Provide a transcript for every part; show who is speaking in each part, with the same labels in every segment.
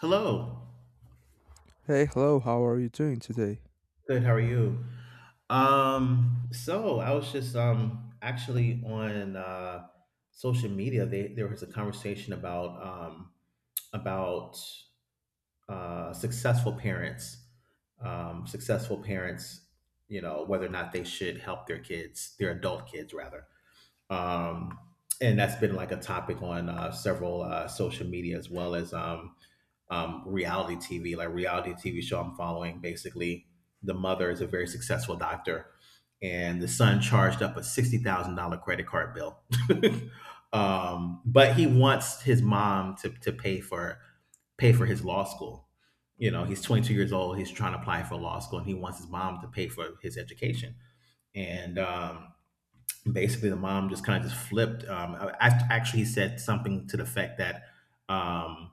Speaker 1: Hello.
Speaker 2: Hey, hello, how are you doing today?
Speaker 1: Good. How are you? So I was just actually on social media. They There was a conversation about successful parents. Successful parents, you know, whether or not they should help their kids, their adult kids rather. Um and that's been like a topic on several social media, as well as reality TV, like reality TV show I'm following. Basically, the mother is a very successful doctor, and the son charged up a $60,000 credit card bill. But he wants his mom to pay for his law school. You know, he's 22 years old. He's trying to apply for law school, and he wants his mom to pay for his education. And Basically, the mom just kind of just flipped. Actually, he said something to the effect that um,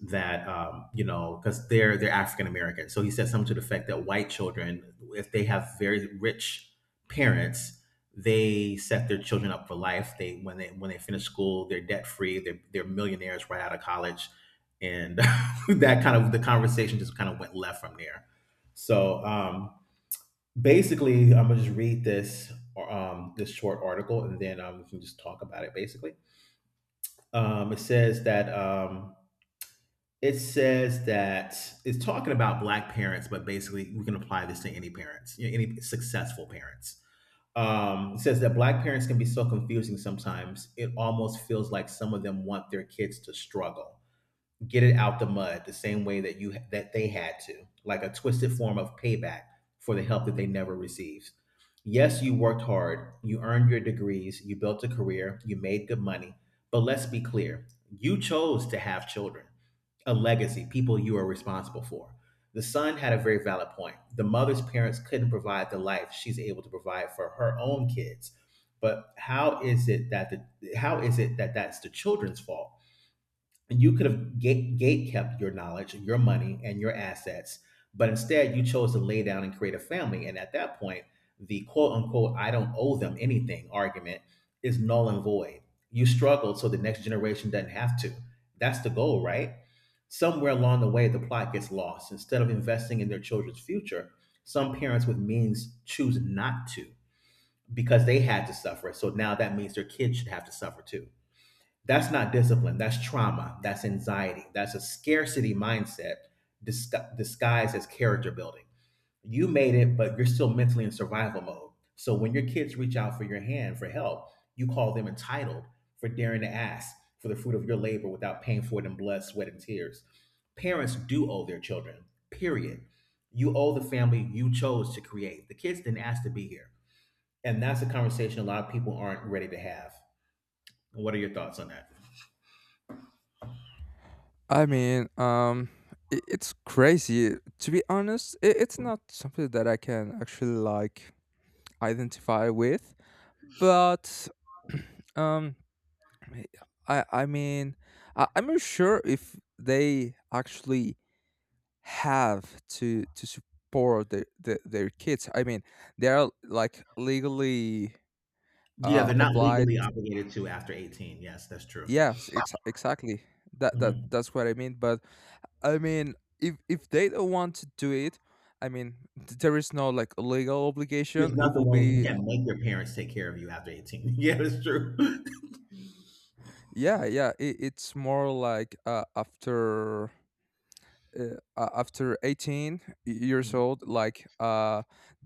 Speaker 1: you know, because they're African American. So he said something to the effect that white children, if they have very rich parents, they set their children up for life. They, when they finish school, they're debt free. They're millionaires right out of college, and that kind of, the conversation just kind of went left from there. So um, Basically, I'm gonna just read this this short article, and then we can just talk about it. Basically, it says that it's talking about black parents, but basically we can apply this to any parents, you know, any successful parents. It says that black parents can be so confusing sometimes. It almost feels like some of them want their kids to struggle, get it out the mud, the same way that they had to, like a twisted form of payback for the help that they never received. Yes, you worked hard, you earned your degrees, you built a career, you made good money, but let's be clear, you chose to have children, a legacy, people you are responsible for. The son had a very valid point. The mother's parents couldn't provide the life she's able to provide for her own kids. But how is it that, that's the children's fault? You could have gate kept your knowledge, your money, and your assets, but instead you chose to lay down and create a family. And at that point, the, quote unquote, "I don't owe them anything" argument is null and void. You struggled so the next generation doesn't have to. That's the goal, right? Somewhere along the way, the plot gets lost. Instead of investing in their children's future, some parents with means choose not to because they had to suffer. So now that means their kids should have to suffer too. That's not discipline. That's trauma. That's anxiety. That's a scarcity mindset disguised as character building. You made it, but you're still mentally in survival mode. So when your kids reach out for your hand for help, you call them entitled for daring to ask for the fruit of your labor without paying for it in blood, sweat, and tears. Parents do owe their children, period. You owe the family you chose to create. The kids didn't ask to be here. And that's a conversation a lot of people aren't ready to have. What are your thoughts on that?
Speaker 2: I mean, I it's crazy. To be honest, I it's not something that I can actually like identify with, but um, I mean, I'm not sure if they actually have to support their kids. I mean, they are like legally
Speaker 1: Yeah, they're not legally
Speaker 2: obliged.
Speaker 1: obligated to after 18. Yes, that's true.
Speaker 2: Yes, exactly. That that
Speaker 1: Mhm.
Speaker 2: that's what I mean. But I mean, if they don't want to do it, I mean, there is no like legal
Speaker 1: There's
Speaker 2: obligation. It
Speaker 1: nothing,
Speaker 2: will
Speaker 1: way you
Speaker 2: be,
Speaker 1: can't make your parents take care of you after 18. Yeah, that's true.
Speaker 2: yeah, yeah. It's more like after. After 18 years old, like, uh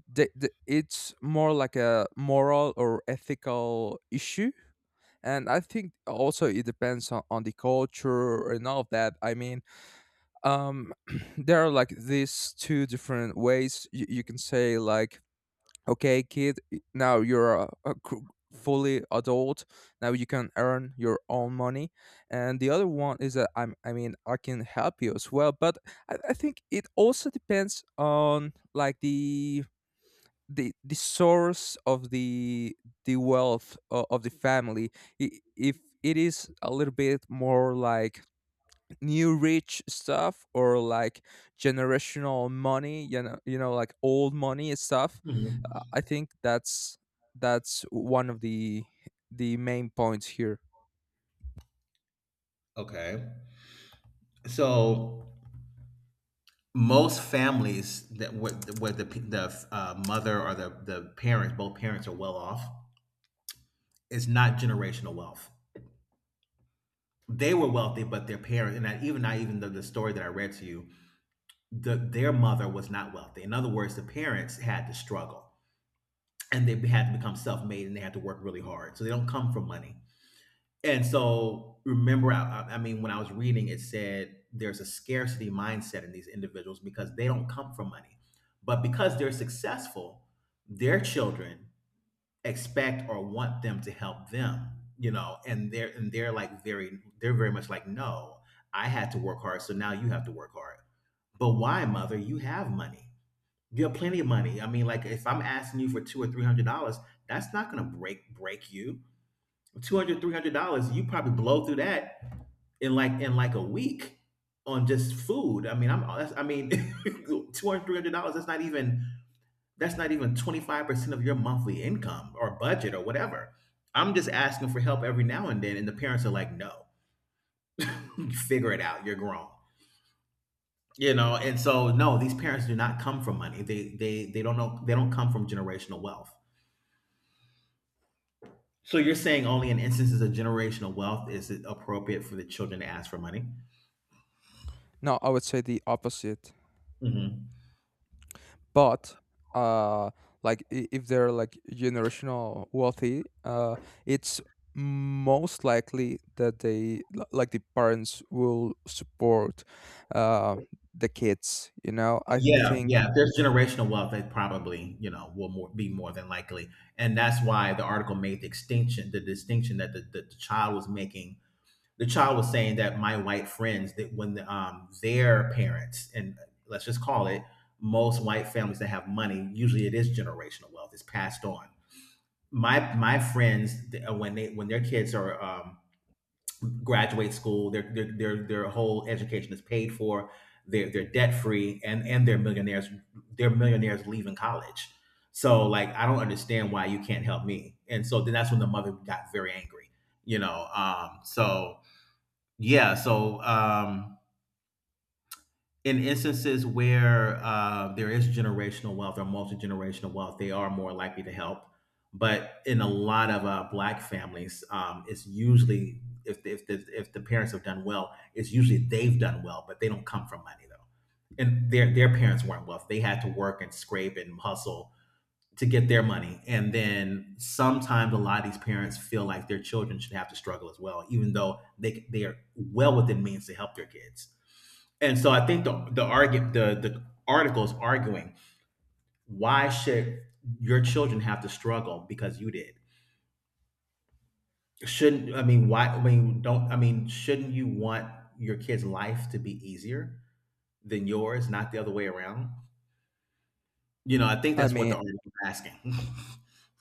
Speaker 2: the, the, it's more like a moral or ethical issue. And I think also it depends on the culture and all of that, I mean. um there are like these two different ways you can say like, okay kid, now you're a fully adult, now you can earn your own money. And the other one is that I mean, I can help you as well. But I think it also depends on like the source of the wealth of the family. If it is a little bit more like new rich stuff, or like generational money, like old money and stuff.
Speaker 1: Mhm.
Speaker 2: I think that's one of the main points here.
Speaker 1: Okay. So most families that where the mother or the parents, both parents, are well off, it's not generational wealth. They were wealthy, but their parents, even not even the story that I read to you, their mother was not wealthy. In other words, the parents had to struggle, and they had to become self-made, and they had to work really hard, so they don't come from money. And so, remember, mean, when I was reading, it said there's a scarcity mindset in these individuals because they don't come from money, but because they're successful, their children expect or want them to help them. You know, and they're like very, they're very much like, "No, I had to work hard, so now you have to work hard." But, why? Mother, you have money, you have plenty of money. I mean, like if I'm asking you for two or three hundred dollars, that's not gonna break you. 200, $300, you probably blow through that in like a week on just food. I mean, I'm that's, I mean, 200, $300. That's not even 25% of your monthly income or budget or whatever. I'm just asking for help every now and then, and the parents are like, "No, figure it out. You're grown." You know, and so no, these parents do not come from money. They don't know, they don't come from generational wealth. So you're saying only in instances of generational wealth is it appropriate for the children to ask for money?
Speaker 2: No, I would say the opposite.
Speaker 1: Hmm.
Speaker 2: But uh like, if they're like generational wealthy, it's most likely that they like, the parents will support uh the kids, I
Speaker 1: Yeah, yeah.
Speaker 2: think.
Speaker 1: If there's generational wealth, they probably, you know, will more, be more than likely, and that's why the article made the distinction that the child was making. The child was saying that my white friends, that when their parents, and let's just call it, most white families that have money, usually it is generational wealth. It's passed on. My friends, when their kids are graduate school, their whole education is paid for. They're debt free, and they're millionaires. They're millionaires leaving college. So like, I don't understand why you can't help me. And so then that's when the mother got very angry. You know. Yeah. So um in instances where there is generational wealth or multi-generational wealth, they are more likely to help. But in a lot of black families, it's usually if the parents have done well, it's usually they've done well, but they don't come from money though, and their parents weren't wealthy. They had to work and scrape and hustle to get their money. And then sometimes a lot of these parents feel like their children should have to struggle as well, even though they are well within means to help their kids. And so I think the article is arguing, why should your children have to struggle because you did? Shouldn't, I mean why I mean don't I mean shouldn't you want your kid's life to be easier than yours, not the other way around? You know, I think
Speaker 2: I
Speaker 1: that's what
Speaker 2: mean,
Speaker 1: the article is asking.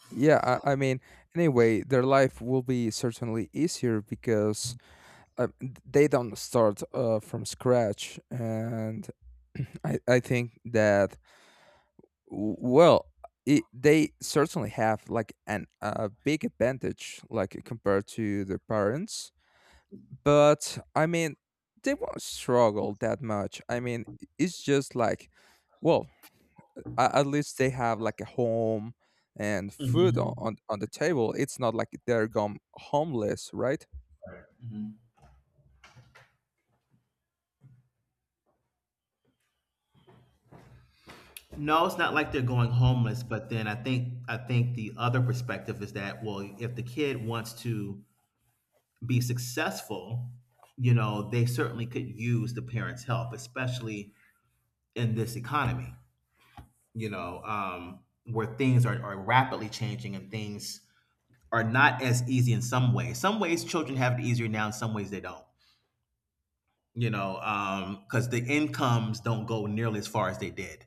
Speaker 2: yeah, I mean, anyway, their life will be certainly easier because uh, they don't start from scratch. And I think that, well, they certainly have like an a big advantage, like compared to their parents. But I mean, they won't struggle that much. I mean, it's just like, well, at least they have like a home and food on
Speaker 1: Mhm.
Speaker 2: on, on the table. It's not like they're gone homeless, right?
Speaker 1: Mhm. No, it's not like they're going homeless, but then, I think the other perspective is that, well, if the kid wants to be successful, you know, they certainly could use the parents' help, especially in this economy. You know, where things are rapidly changing, and things are not as easy in some ways. Some ways children have it easier now, in some ways they don't, you know, because the incomes don't go nearly as far as they did.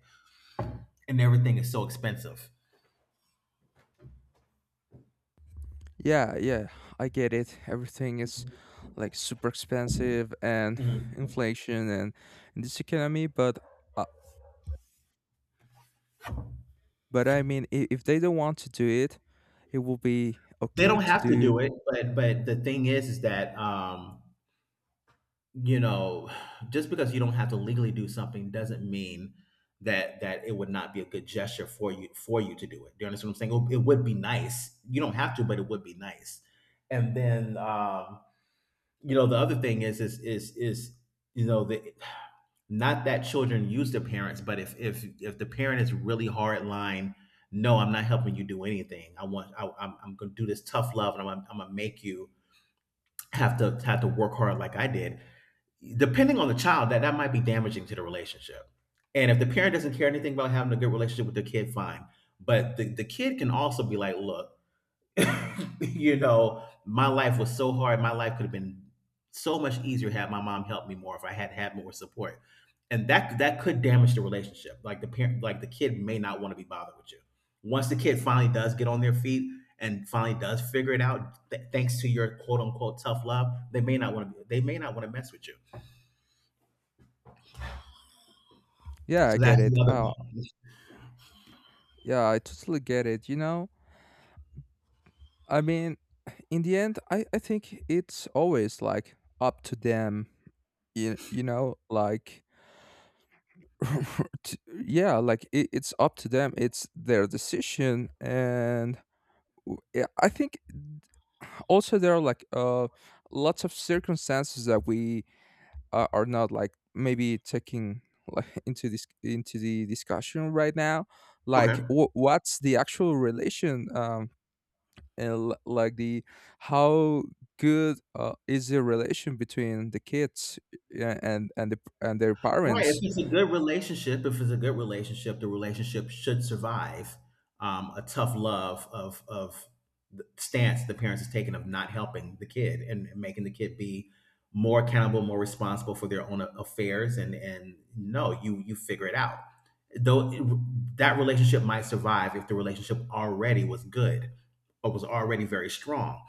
Speaker 1: And everything is so expensive.
Speaker 2: Yeah, yeah, I get it. Everything is like super expensive and
Speaker 1: Mhm.
Speaker 2: inflation and in this economy, but uh, but I mean, if they don't want to do it will be
Speaker 1: They
Speaker 2: okay
Speaker 1: don't
Speaker 2: to
Speaker 1: have to
Speaker 2: do.
Speaker 1: do it, but the thing is that, you know, just because you don't have to legally do something doesn't mean that it would not be a good gesture for you, to do it. Do you understand what I'm saying? It would be nice. You don't have to, but it would be nice. And then You know, the other thing is, you know, the, not that children use their parents, but if the parent is really hard line, no, I'm not helping you do anything. I'm gonna do this tough love, and I'm gonna make you have to work hard like I did. Depending on the child, that might be damaging to the relationship. And if the parent doesn't care anything about having a good relationship with their kid, fine. But the kid can also be like, look, you know, my life was so hard. My life could have been so much easier had my mom helped me more, if I had had more support. And that could damage the relationship. Like the parent, like the kid may not want to be bothered with you. Once the kid finally does get on their feet and finally does figure it out, thanks to your quote unquote tough love, they may not want to. They may not want to mess with you.
Speaker 2: Yeah, I
Speaker 1: So
Speaker 2: get
Speaker 1: that's
Speaker 2: it.
Speaker 1: the other
Speaker 2: Oh,
Speaker 1: thing.
Speaker 2: yeah, I totally get it. I mean, in the end, I think it's always like up to them. You know, like. Yeah, like it's up to them, it's their decision. And yeah, I think also there are like lots of circumstances that we are not like maybe taking like into this into the discussion right now, like
Speaker 1: Okay.
Speaker 2: what's the actual relation. And like, the how good is the relation between the kids, yeah, and and their
Speaker 1: Right. If
Speaker 2: parents.
Speaker 1: it's a good relationship, if it's a good relationship, the relationship should survive a tough love of the stance the parents is taking of not helping the kid and making the kid be more accountable, more responsible for their own affairs, and no, you figure it out. Though that relationship might survive if the relationship already was good or was already very strong.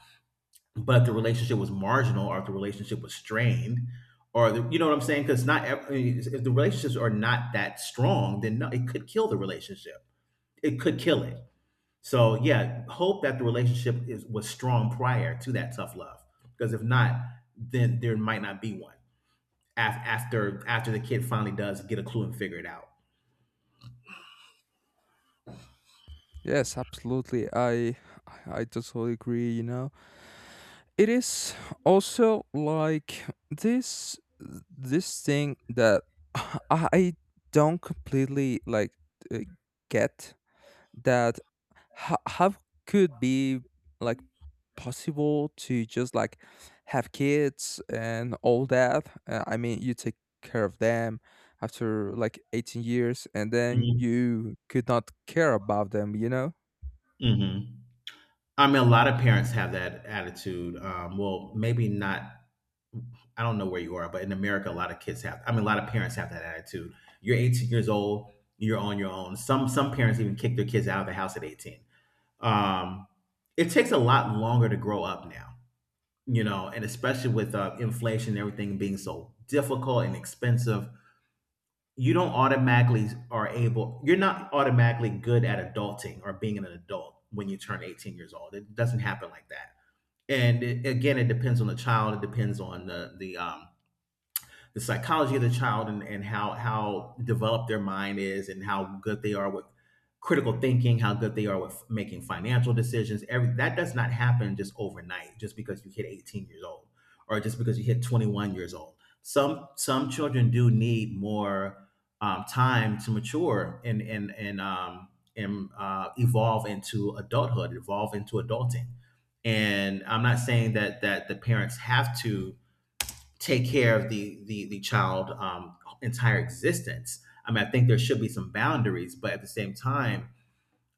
Speaker 1: But the relationship was marginal, or if the relationship was strained, or the, you know what I'm saying, because not ev- I mean, if the relationships are not that strong, then no, it could kill the relationship. It could kill it. So yeah, hope that the relationship is was strong prior to that tough love, because if not, then there might not be one after after the kid finally does get a clue and figure it out.
Speaker 2: Yes, absolutely, I totally agree. It is also like this this thing that I don't completely like uh, get that, how could be like possible to just like have kids and all that. I mean, you take care of them after like 18 years and then
Speaker 1: Hmm.
Speaker 2: you could not care about them, you know?
Speaker 1: Hmm. I mean, a lot of parents have that attitude. Well, maybe not. I don't know where you are, but in America, a lot of kids have. I mean, a lot of parents have that attitude. You're 18 years old. You're on your own. Some parents even kick their kids out of the house at 18. Um, it takes a lot longer to grow up now, you know, and especially with inflation and everything being so difficult and expensive, you don't automatically are able. You're not automatically good at adulting or being an adult when you turn 18 years old. It doesn't happen like that. And it, again, it depends on the child. It depends on the psychology of the child and how developed their mind is and how good they are with critical thinking, how good they are with making financial decisions. Every that does not happen just overnight, just because you hit 18 years old or just because you hit 21 years old. Some children do need more time to mature and evolve into adulthood, evolve into adulting. And I'm not saying that that the parents have to take care of the child entire existence. I mean, I think there should be some boundaries, but at the same time,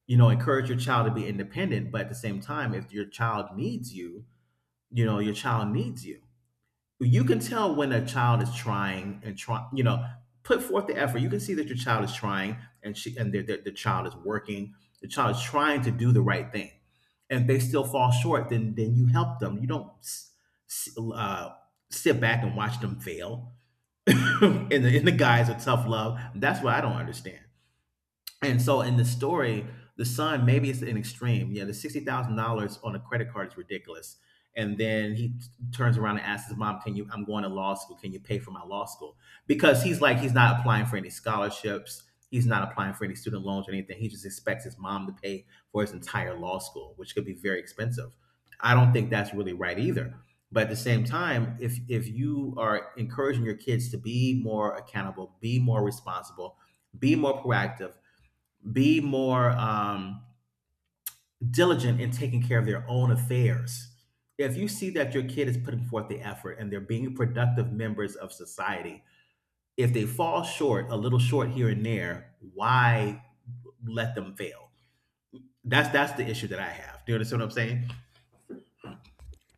Speaker 1: you know, encourage your child to be independent. But at the same time, if your child needs you, you know, your child needs you. You can tell when a child is trying and try, you know, put forth the effort. You can see that your child is trying and she and the child is working. The child is trying to do the right thing, and if they still fall short, then you help them. You don't s- uh, sit back and watch them fail in the guise of tough love. That's what I don't understand. And so in the story, the son maybe it's an extreme. Yeah, the $60,000 on a credit card is ridiculous. And then turns around and asks his mom, "Can you? I'm going to law school. Can you pay for my law school?" Because he's like he's not applying for any scholarships. He's not applying for any student loans or anything. He just expects his mom to pay for his entire law school, which could be very expensive. I don't think that's really right either. But at the same time, if you are encouraging your kids to be more accountable, be more responsible, be more proactive, be more diligent in taking care of their own affairs. If you see that your kid is putting forth the effort and they're being productive members of society, if they fall short, a little short here and there, why let them fail? That's the issue that I have. Do you understand what I'm saying?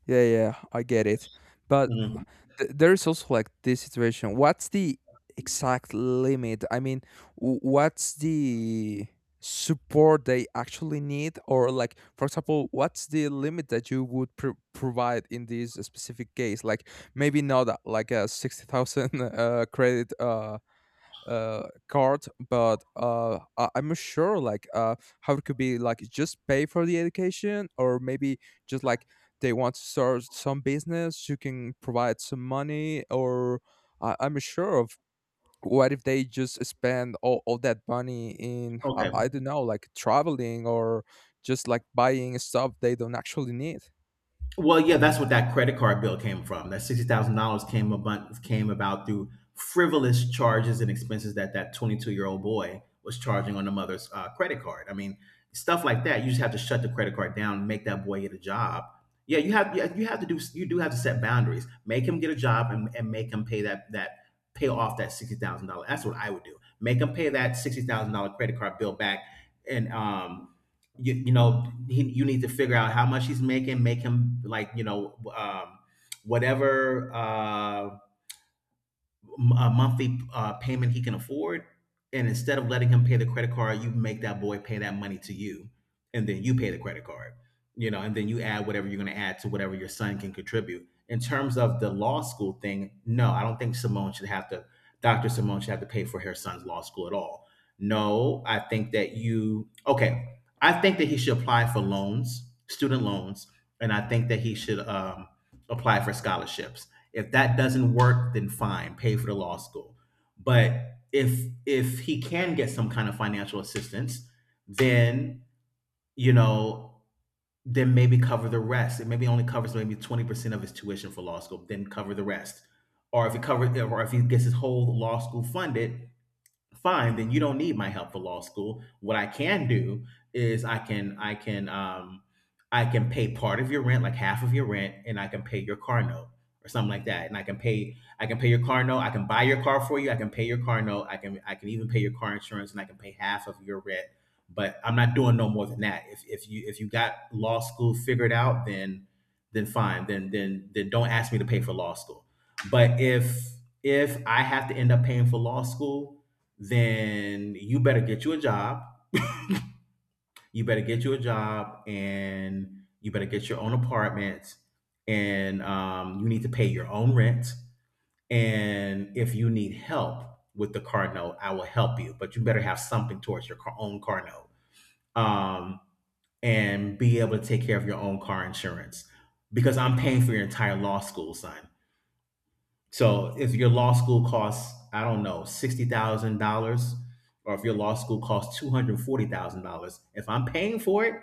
Speaker 2: Yeah, yeah, I get it. But uh,
Speaker 1: Mhm.
Speaker 2: there is also like this situation. What's the exact limit? I mean, what's the support they actually need? Or, like, for example, what's the limit that you would provide in this specific case? Like, maybe not like a 60,000 credit card, but I'm not sure like how it could be, like, just pay for the education, or maybe just like they want to start some business, you can provide some money. Or I'm not sure of what if they just spend all that money in, I don't know, like traveling or just like buying stuff they don't actually need.
Speaker 1: Well, yeah, that's what that credit card bill came from. That $60,000 came about through frivolous charges and expenses that that 22-year old boy was charging on the mother's credit card. I mean, stuff like that. You just have to shut the credit card down, and make that boy get a job. Yeah, you have to do you do have to set boundaries. Make him get a job, and make him pay that that pay off that $60,000. That's what I would do. Make him pay that $60,000 credit card bill back, and um, you know he, you need to figure out how much he's making, make him like you know whatever a monthly payment he can afford. And instead of letting him pay the credit card, you make that boy pay that money to you, and then you pay the credit card. You know, and then you add whatever you're going to add to whatever your son can contribute. In terms of the law school thing, no, I don't think Simone should have to. Dr. Simone should have to pay for her son's law school at all. No, I think that you. Okay, I think that he should apply for loans, student loans, and I think that he should apply for scholarships. If that doesn't work, then fine, pay for the law school. But if he can get some kind of financial assistance, then you know, then maybe cover the rest. It maybe only covers maybe 20% of his tuition for law school, then cover the rest. Or if he covers, or if he gets his whole law school funded, fine, then you don't need my help for law school. What I can do is I can I can pay part of your rent, like half of your rent, and I can pay your car note or something like that. And I can pay, I can pay your car note, I can buy your car for you, I can pay your car note, I can, I can even pay your car insurance, and I can pay half of your rent. But I'm not doing no more than that. If you if you got law school figured out, then fine, then don't ask me to pay for law school. But if I have to end up paying for law school, then you better get you a job. You better get you a job, and you better get your own apartment. And you need to pay your own rent. And if you need help with the car note, I will help you. But you better have something towards your car, own car note, um, and be able to take care of your own car insurance because I'm paying for your entire law school, son. So if your law school costs, I don't know, $60,000, or if your law school costs $240,000, if I'm paying for it,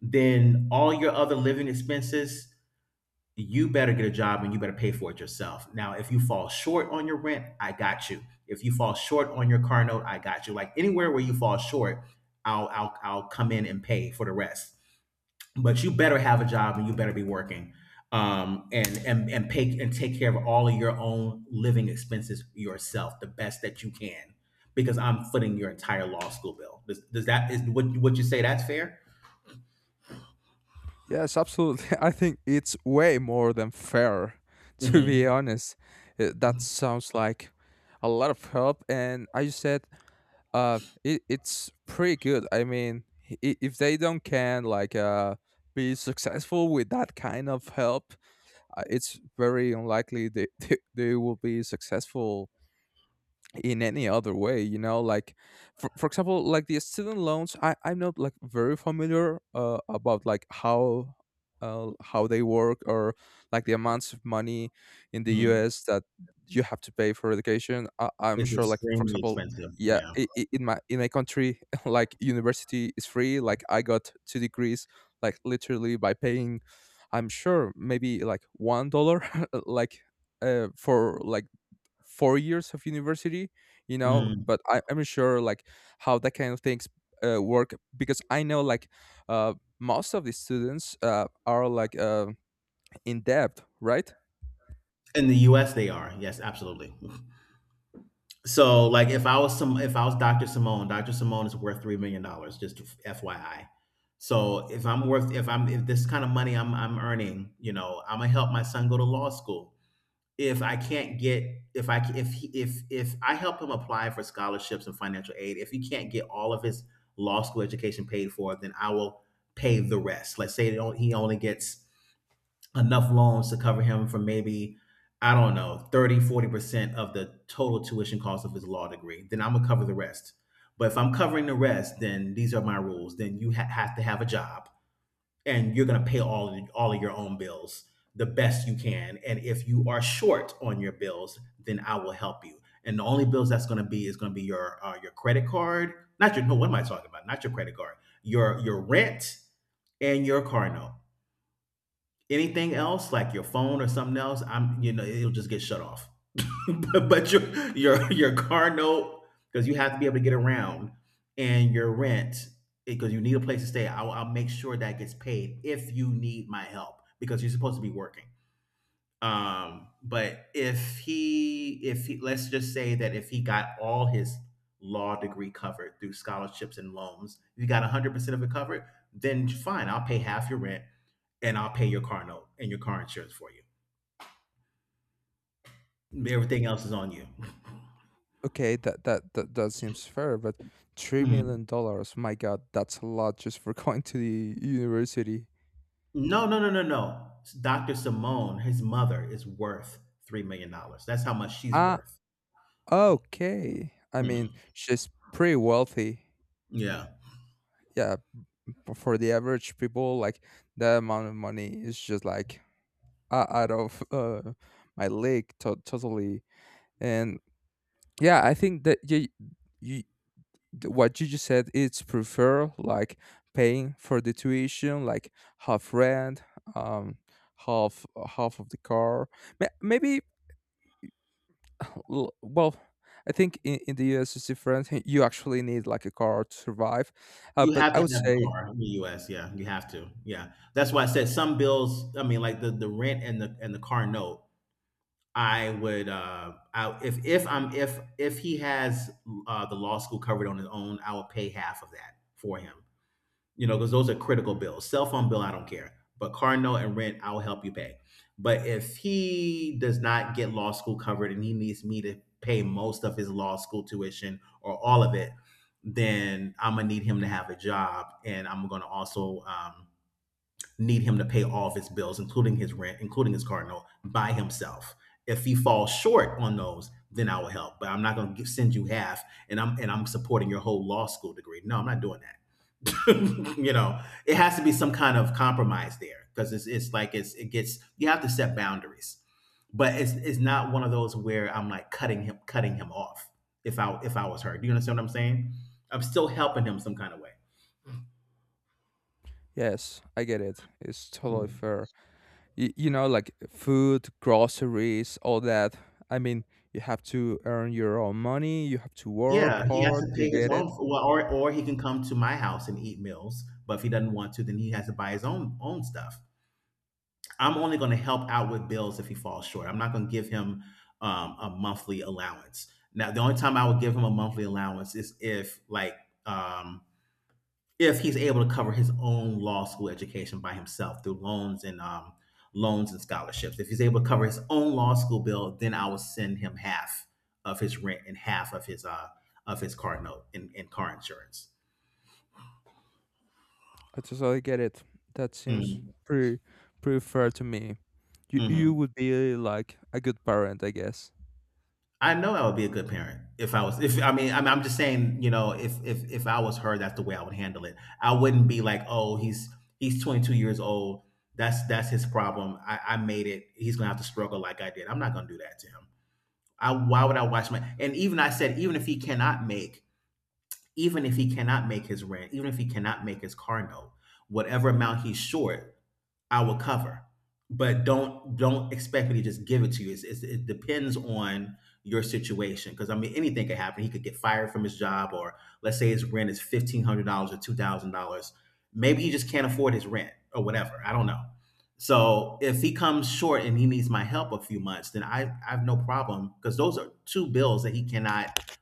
Speaker 1: then all your other living expenses, you better get a job and you better pay for it yourself. Now, if you fall short on your rent, I got you. If you fall short on your car note, I got you. Like anywhere where you fall short, I'll come in and pay for the rest. But you better have a job and you better be working, and pay and take care of all of your own living expenses yourself the best that you can because I'm footing your entire law school bill. Does that is what would you say that's fair?
Speaker 2: Yes, absolutely. I think it's way more than fair, to be
Speaker 1: Mm-hmm.
Speaker 2: honest. That sounds like a lot of help. And I said, it's pretty good. I mean, if they don't can like be successful with that kind of help, it's very unlikely they, they will be successful in any other way. For example, like the student loans, I'm not like very familiar about like how they work, or like the amounts of money in the
Speaker 1: Mm.
Speaker 2: US that you have to pay for education, I'm
Speaker 1: It's
Speaker 2: sure, like for
Speaker 1: extremely
Speaker 2: example.
Speaker 1: expensive.
Speaker 2: Yeah,
Speaker 1: Yeah.
Speaker 2: I in my country like university is free, like I got two degrees, like literally by paying, I'm sure, maybe like $1, like for like 4 years of university, you know.
Speaker 1: Mm.
Speaker 2: But I'm sure, like, how that kind of things work, because I know like uh, most of the students are like in debt, right.
Speaker 1: In the U.S., they are. Yes, absolutely. So like if I was Dr. Simone, Dr. Simone is worth $3 million, just FYI. So if I'm worth if I'm if this kind of money I'm earning, you know, I'm gonna help my son go to law school. If I can't get if I if I help him apply for scholarships and financial aid, if he can't get all of his law school education paid for, then I will pay the rest. Let's say he only gets enough loans to cover him for maybe I don't know 30, 40% of the total tuition cost of his law degree. Then I'm going to cover the rest. But if I'm covering the rest, then these are my rules. Then you have to have a job, and you're going to pay all of your own bills the best you can. And if you are short on your bills, then I will help you. And the only bills that's going to be is going to be your credit card. Not your no what am I talking about? Not your credit card. Your rent and your car note. Anything else, like your phone or something else, I'm you know it'll just get shut off. But your your car note, because you have to be able to get around. And your rent, because you need a place to stay. I'll make sure that gets paid if you need my help, because you're supposed to be working. But if he, let's just say that if he got all his law degree covered through scholarships and loans, if you got 100% of it covered, then fine, I'll pay half your rent, and I'll pay your car note and your car insurance for you. Everything else is on you.
Speaker 2: Okay, that seems fair, but three
Speaker 1: Mhm.
Speaker 2: million dollars my god, that's a lot just for going to the university.
Speaker 1: No, no, no, no, no. Dr. Simone, his mother, is worth $3 million dollars. That's how much she's
Speaker 2: Ah,
Speaker 1: worth.
Speaker 2: okay. I mean,
Speaker 1: Mhm.
Speaker 2: she's pretty wealthy.
Speaker 1: Yeah.
Speaker 2: Yeah, for the average people, like that amount of money is just like out of my leg, totally. And yeah, I think that, you what you just said, it's prefer like paying for the tuition, like half rent, um, half half of the car. Maybe, well, I think in the US it's different. You actually need like a car to survive,
Speaker 1: You
Speaker 2: but
Speaker 1: have
Speaker 2: I
Speaker 1: to
Speaker 2: would
Speaker 1: have a
Speaker 2: say,
Speaker 1: car in the US, yeah, you have to. Yeah. That's why I said some bills, I mean like the rent and the car note. I would I if I'm if he has the law school covered on his own, I will pay half of that for him, because those are critical bills. Cell phone bill, I don't care, but car note and rent, I'll help you pay. But if he does not get law school covered and he needs me to pay most of his law school tuition or all of it, then I'm gonna need him to have a job. And I'm gonna also need him to pay all of his bills, including his rent, including his car note, by himself. If he falls short on those, then I will help. But I'm not gonna send you half, and I'm supporting your whole law school degree. No, I'm not doing that. you know, it has to be some kind of compromise there, because it's like it gets you have to set boundaries. But it's not one of those where I'm like cutting him off if I was her. Do you understand what I'm saying? I'm still helping him some kind of way.
Speaker 2: yes, I get it, it's totally
Speaker 1: Mhm.
Speaker 2: fair. Like food, groceries, all that, I mean, you have to earn your own money, you have to
Speaker 1: Yeah,
Speaker 2: work
Speaker 1: he has
Speaker 2: hard
Speaker 1: to
Speaker 2: to
Speaker 1: pay his
Speaker 2: get
Speaker 1: own,
Speaker 2: it.
Speaker 1: well, or he can come to my house and eat meals. But if he doesn't want to, then he has to buy his own stuff. I'm only going to help out with bills if he falls short. I'm not going to give him a monthly allowance. Now, the only time I would give him a monthly allowance is um, if he's able to cover his own law school education by himself through loans and scholarships. If he's able to cover his own law school bill, then I will send him half of his rent and half of his car note and car insurance.
Speaker 2: I totally get it. That seems
Speaker 1: Mhm,
Speaker 2: pretty pretty fair to me. You
Speaker 1: mhm.
Speaker 2: would be like a good parent, I guess.
Speaker 1: I know I would be a good parent if I was. If I mean, I'm just saying, if I was her, that's the way I would handle it. I wouldn't be like, oh, he's 22 years old. That's his problem. I made it. He's gonna have to struggle like I did. I'm not gonna do that to him. I why would I watch my? And even I said, even if he cannot make his rent, even if he cannot make his car note, whatever amount he's short, I will cover. But don't expect me to just give it to you. It depends on your situation, because I mean anything could happen. He could get fired from his job, or let's say his rent is $1,500 or $2,000. Maybe he just can't afford his rent or whatever. I don't know. So if he comes short and he needs my help a few months, then I have no problem, because those are two bills that he cannot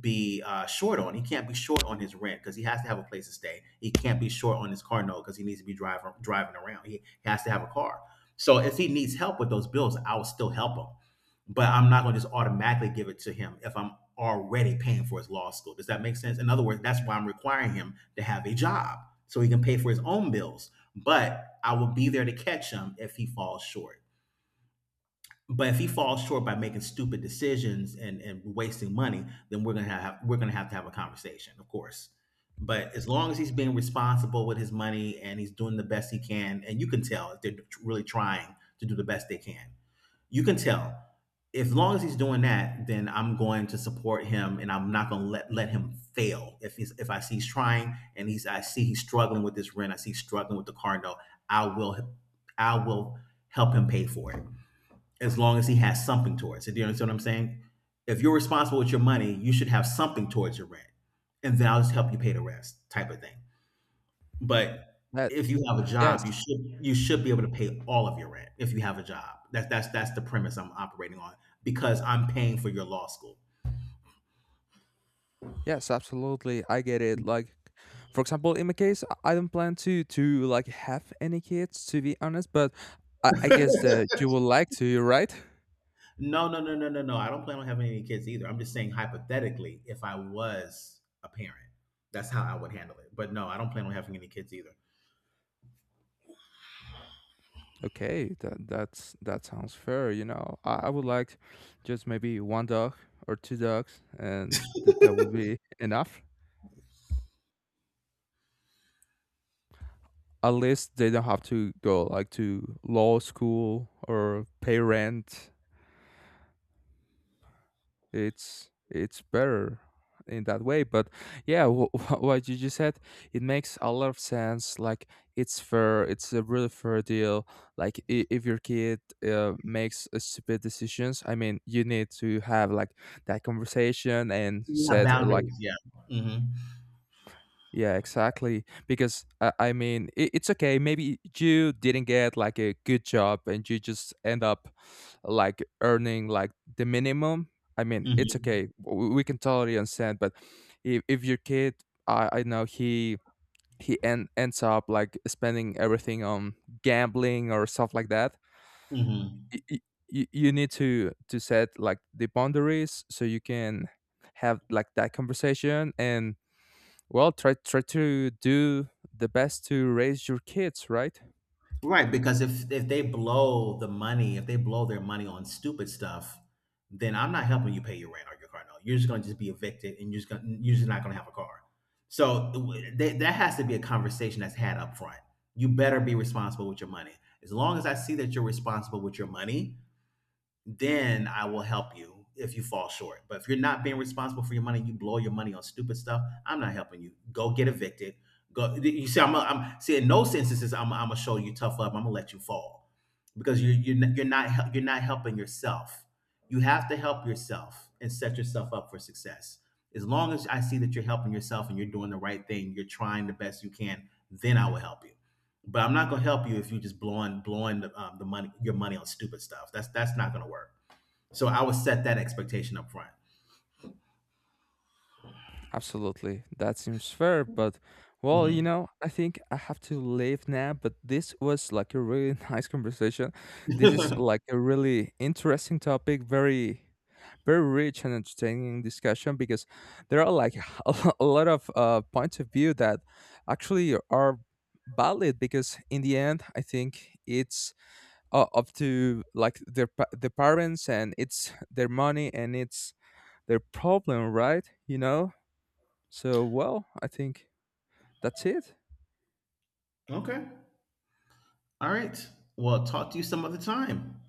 Speaker 1: be short on. He can't be short on his rent because he has to have a place to stay. He can't be short on his car note because he needs to be driving around. He has to have a car. So if he needs help with those bills, I will still help him. But I'm not going to just automatically give it to him if I'm already paying for his law school. Does that make sense? In other words, that's why I'm requiring him to have a job so he can pay for his own bills. But I will be there to catch him if he falls short. But if he falls short by making stupid decisions and wasting money, then we're gonna have to have a conversation, of course. But as long as he's being responsible with his money and he's doing the best he can, and you can tell if they're really trying to do the best they can, you can tell. As long as he's doing that, then I'm going to support him, and I'm not going to let him fail. If I see he's trying and he's I see he's struggling with this rent, I see he's struggling with the car note, I will I will help him pay for it as long as he has something towards it. Do you understand what I'm saying? If you're responsible with your money, you should have something towards your rent, and then I'll just help you pay the rest, type of thing. But
Speaker 2: That
Speaker 1: if you have a
Speaker 2: Yes,
Speaker 1: job, you should be able to pay all of your rent if you have a job. That's the premise I'm operating on, because I'm paying for your law school.
Speaker 2: yes, absolutely. I get it. Like, for example, in my case, I don't plan to like have any kids, to be honest. But I guess that you would like to, right?
Speaker 1: No, no, no, no, no, no. I don't plan on having any kids either. I'm just saying hypothetically, if I was a parent, that's how I would handle it. But no, I don't plan on having any kids either.
Speaker 2: Okay, that sounds fair. You know, I would like just maybe one dog or two dogs, and that would be enough. At least they don't have to go like to law school or pay rent, it's better in that way. But yeah, what you just said, it makes a lot of sense, like. It's fair, it's a really fair deal, like, if your kid makes stupid decisions, I mean, you need to have like that conversation and
Speaker 1: We have
Speaker 2: set like.
Speaker 1: boundaries. Yeah. Hmm.
Speaker 2: Yeah, exactly. Because I mean, it's okay. Maybe you didn't get like a good job and you just end up like earning like the minimum. I mean, it's
Speaker 1: Hmm.
Speaker 2: okay. We can totally understand. But if your kid, I know he ends up like spending everything on gambling or stuff like that.
Speaker 1: Mhm.
Speaker 2: You, you need to set like the boundaries so you can have like that conversation and, well, try to do the best to raise your kids, right?
Speaker 1: Right, because if they blow the money, if they blow their money on stupid stuff, then I'm not helping you pay your rent or your car note. You're just going to just be evicted, and you're just not going to have a car. So that has to be a conversation that's had up front. You better be responsible with your money. As long as I see that you're responsible with your money, then I will help you if you fall short. But if you're not being responsible for your money, you blow your money on stupid stuff. I'm not helping you. Go get evicted. Go. You see, I'm. A, I'm see. In those instances, I'm gonna show you tough love. I'm gonna let you fall because you're not helping yourself. You have to help yourself and set yourself up for success. As long as I see that you're helping yourself and you're doing the right thing, you're trying the best you can, then I will help you. But I'm not gonna help you if you're just blowing the money your money on stupid stuff. That's not gonna work. So I would set that expectation up front.
Speaker 2: Absolutely. That seems fair, but well,
Speaker 1: Mhm.
Speaker 2: I think I have to leave now, but this was like a really nice conversation. This is like a really interesting topic, very very rich and entertaining discussion because there are like a lot of points of view that actually are valid, because in the end, I think it's up to like the parents, and it's their money, and it's their problem, right? So, well, I think that's it.
Speaker 1: Okay. All right. Well, talk to you some other time.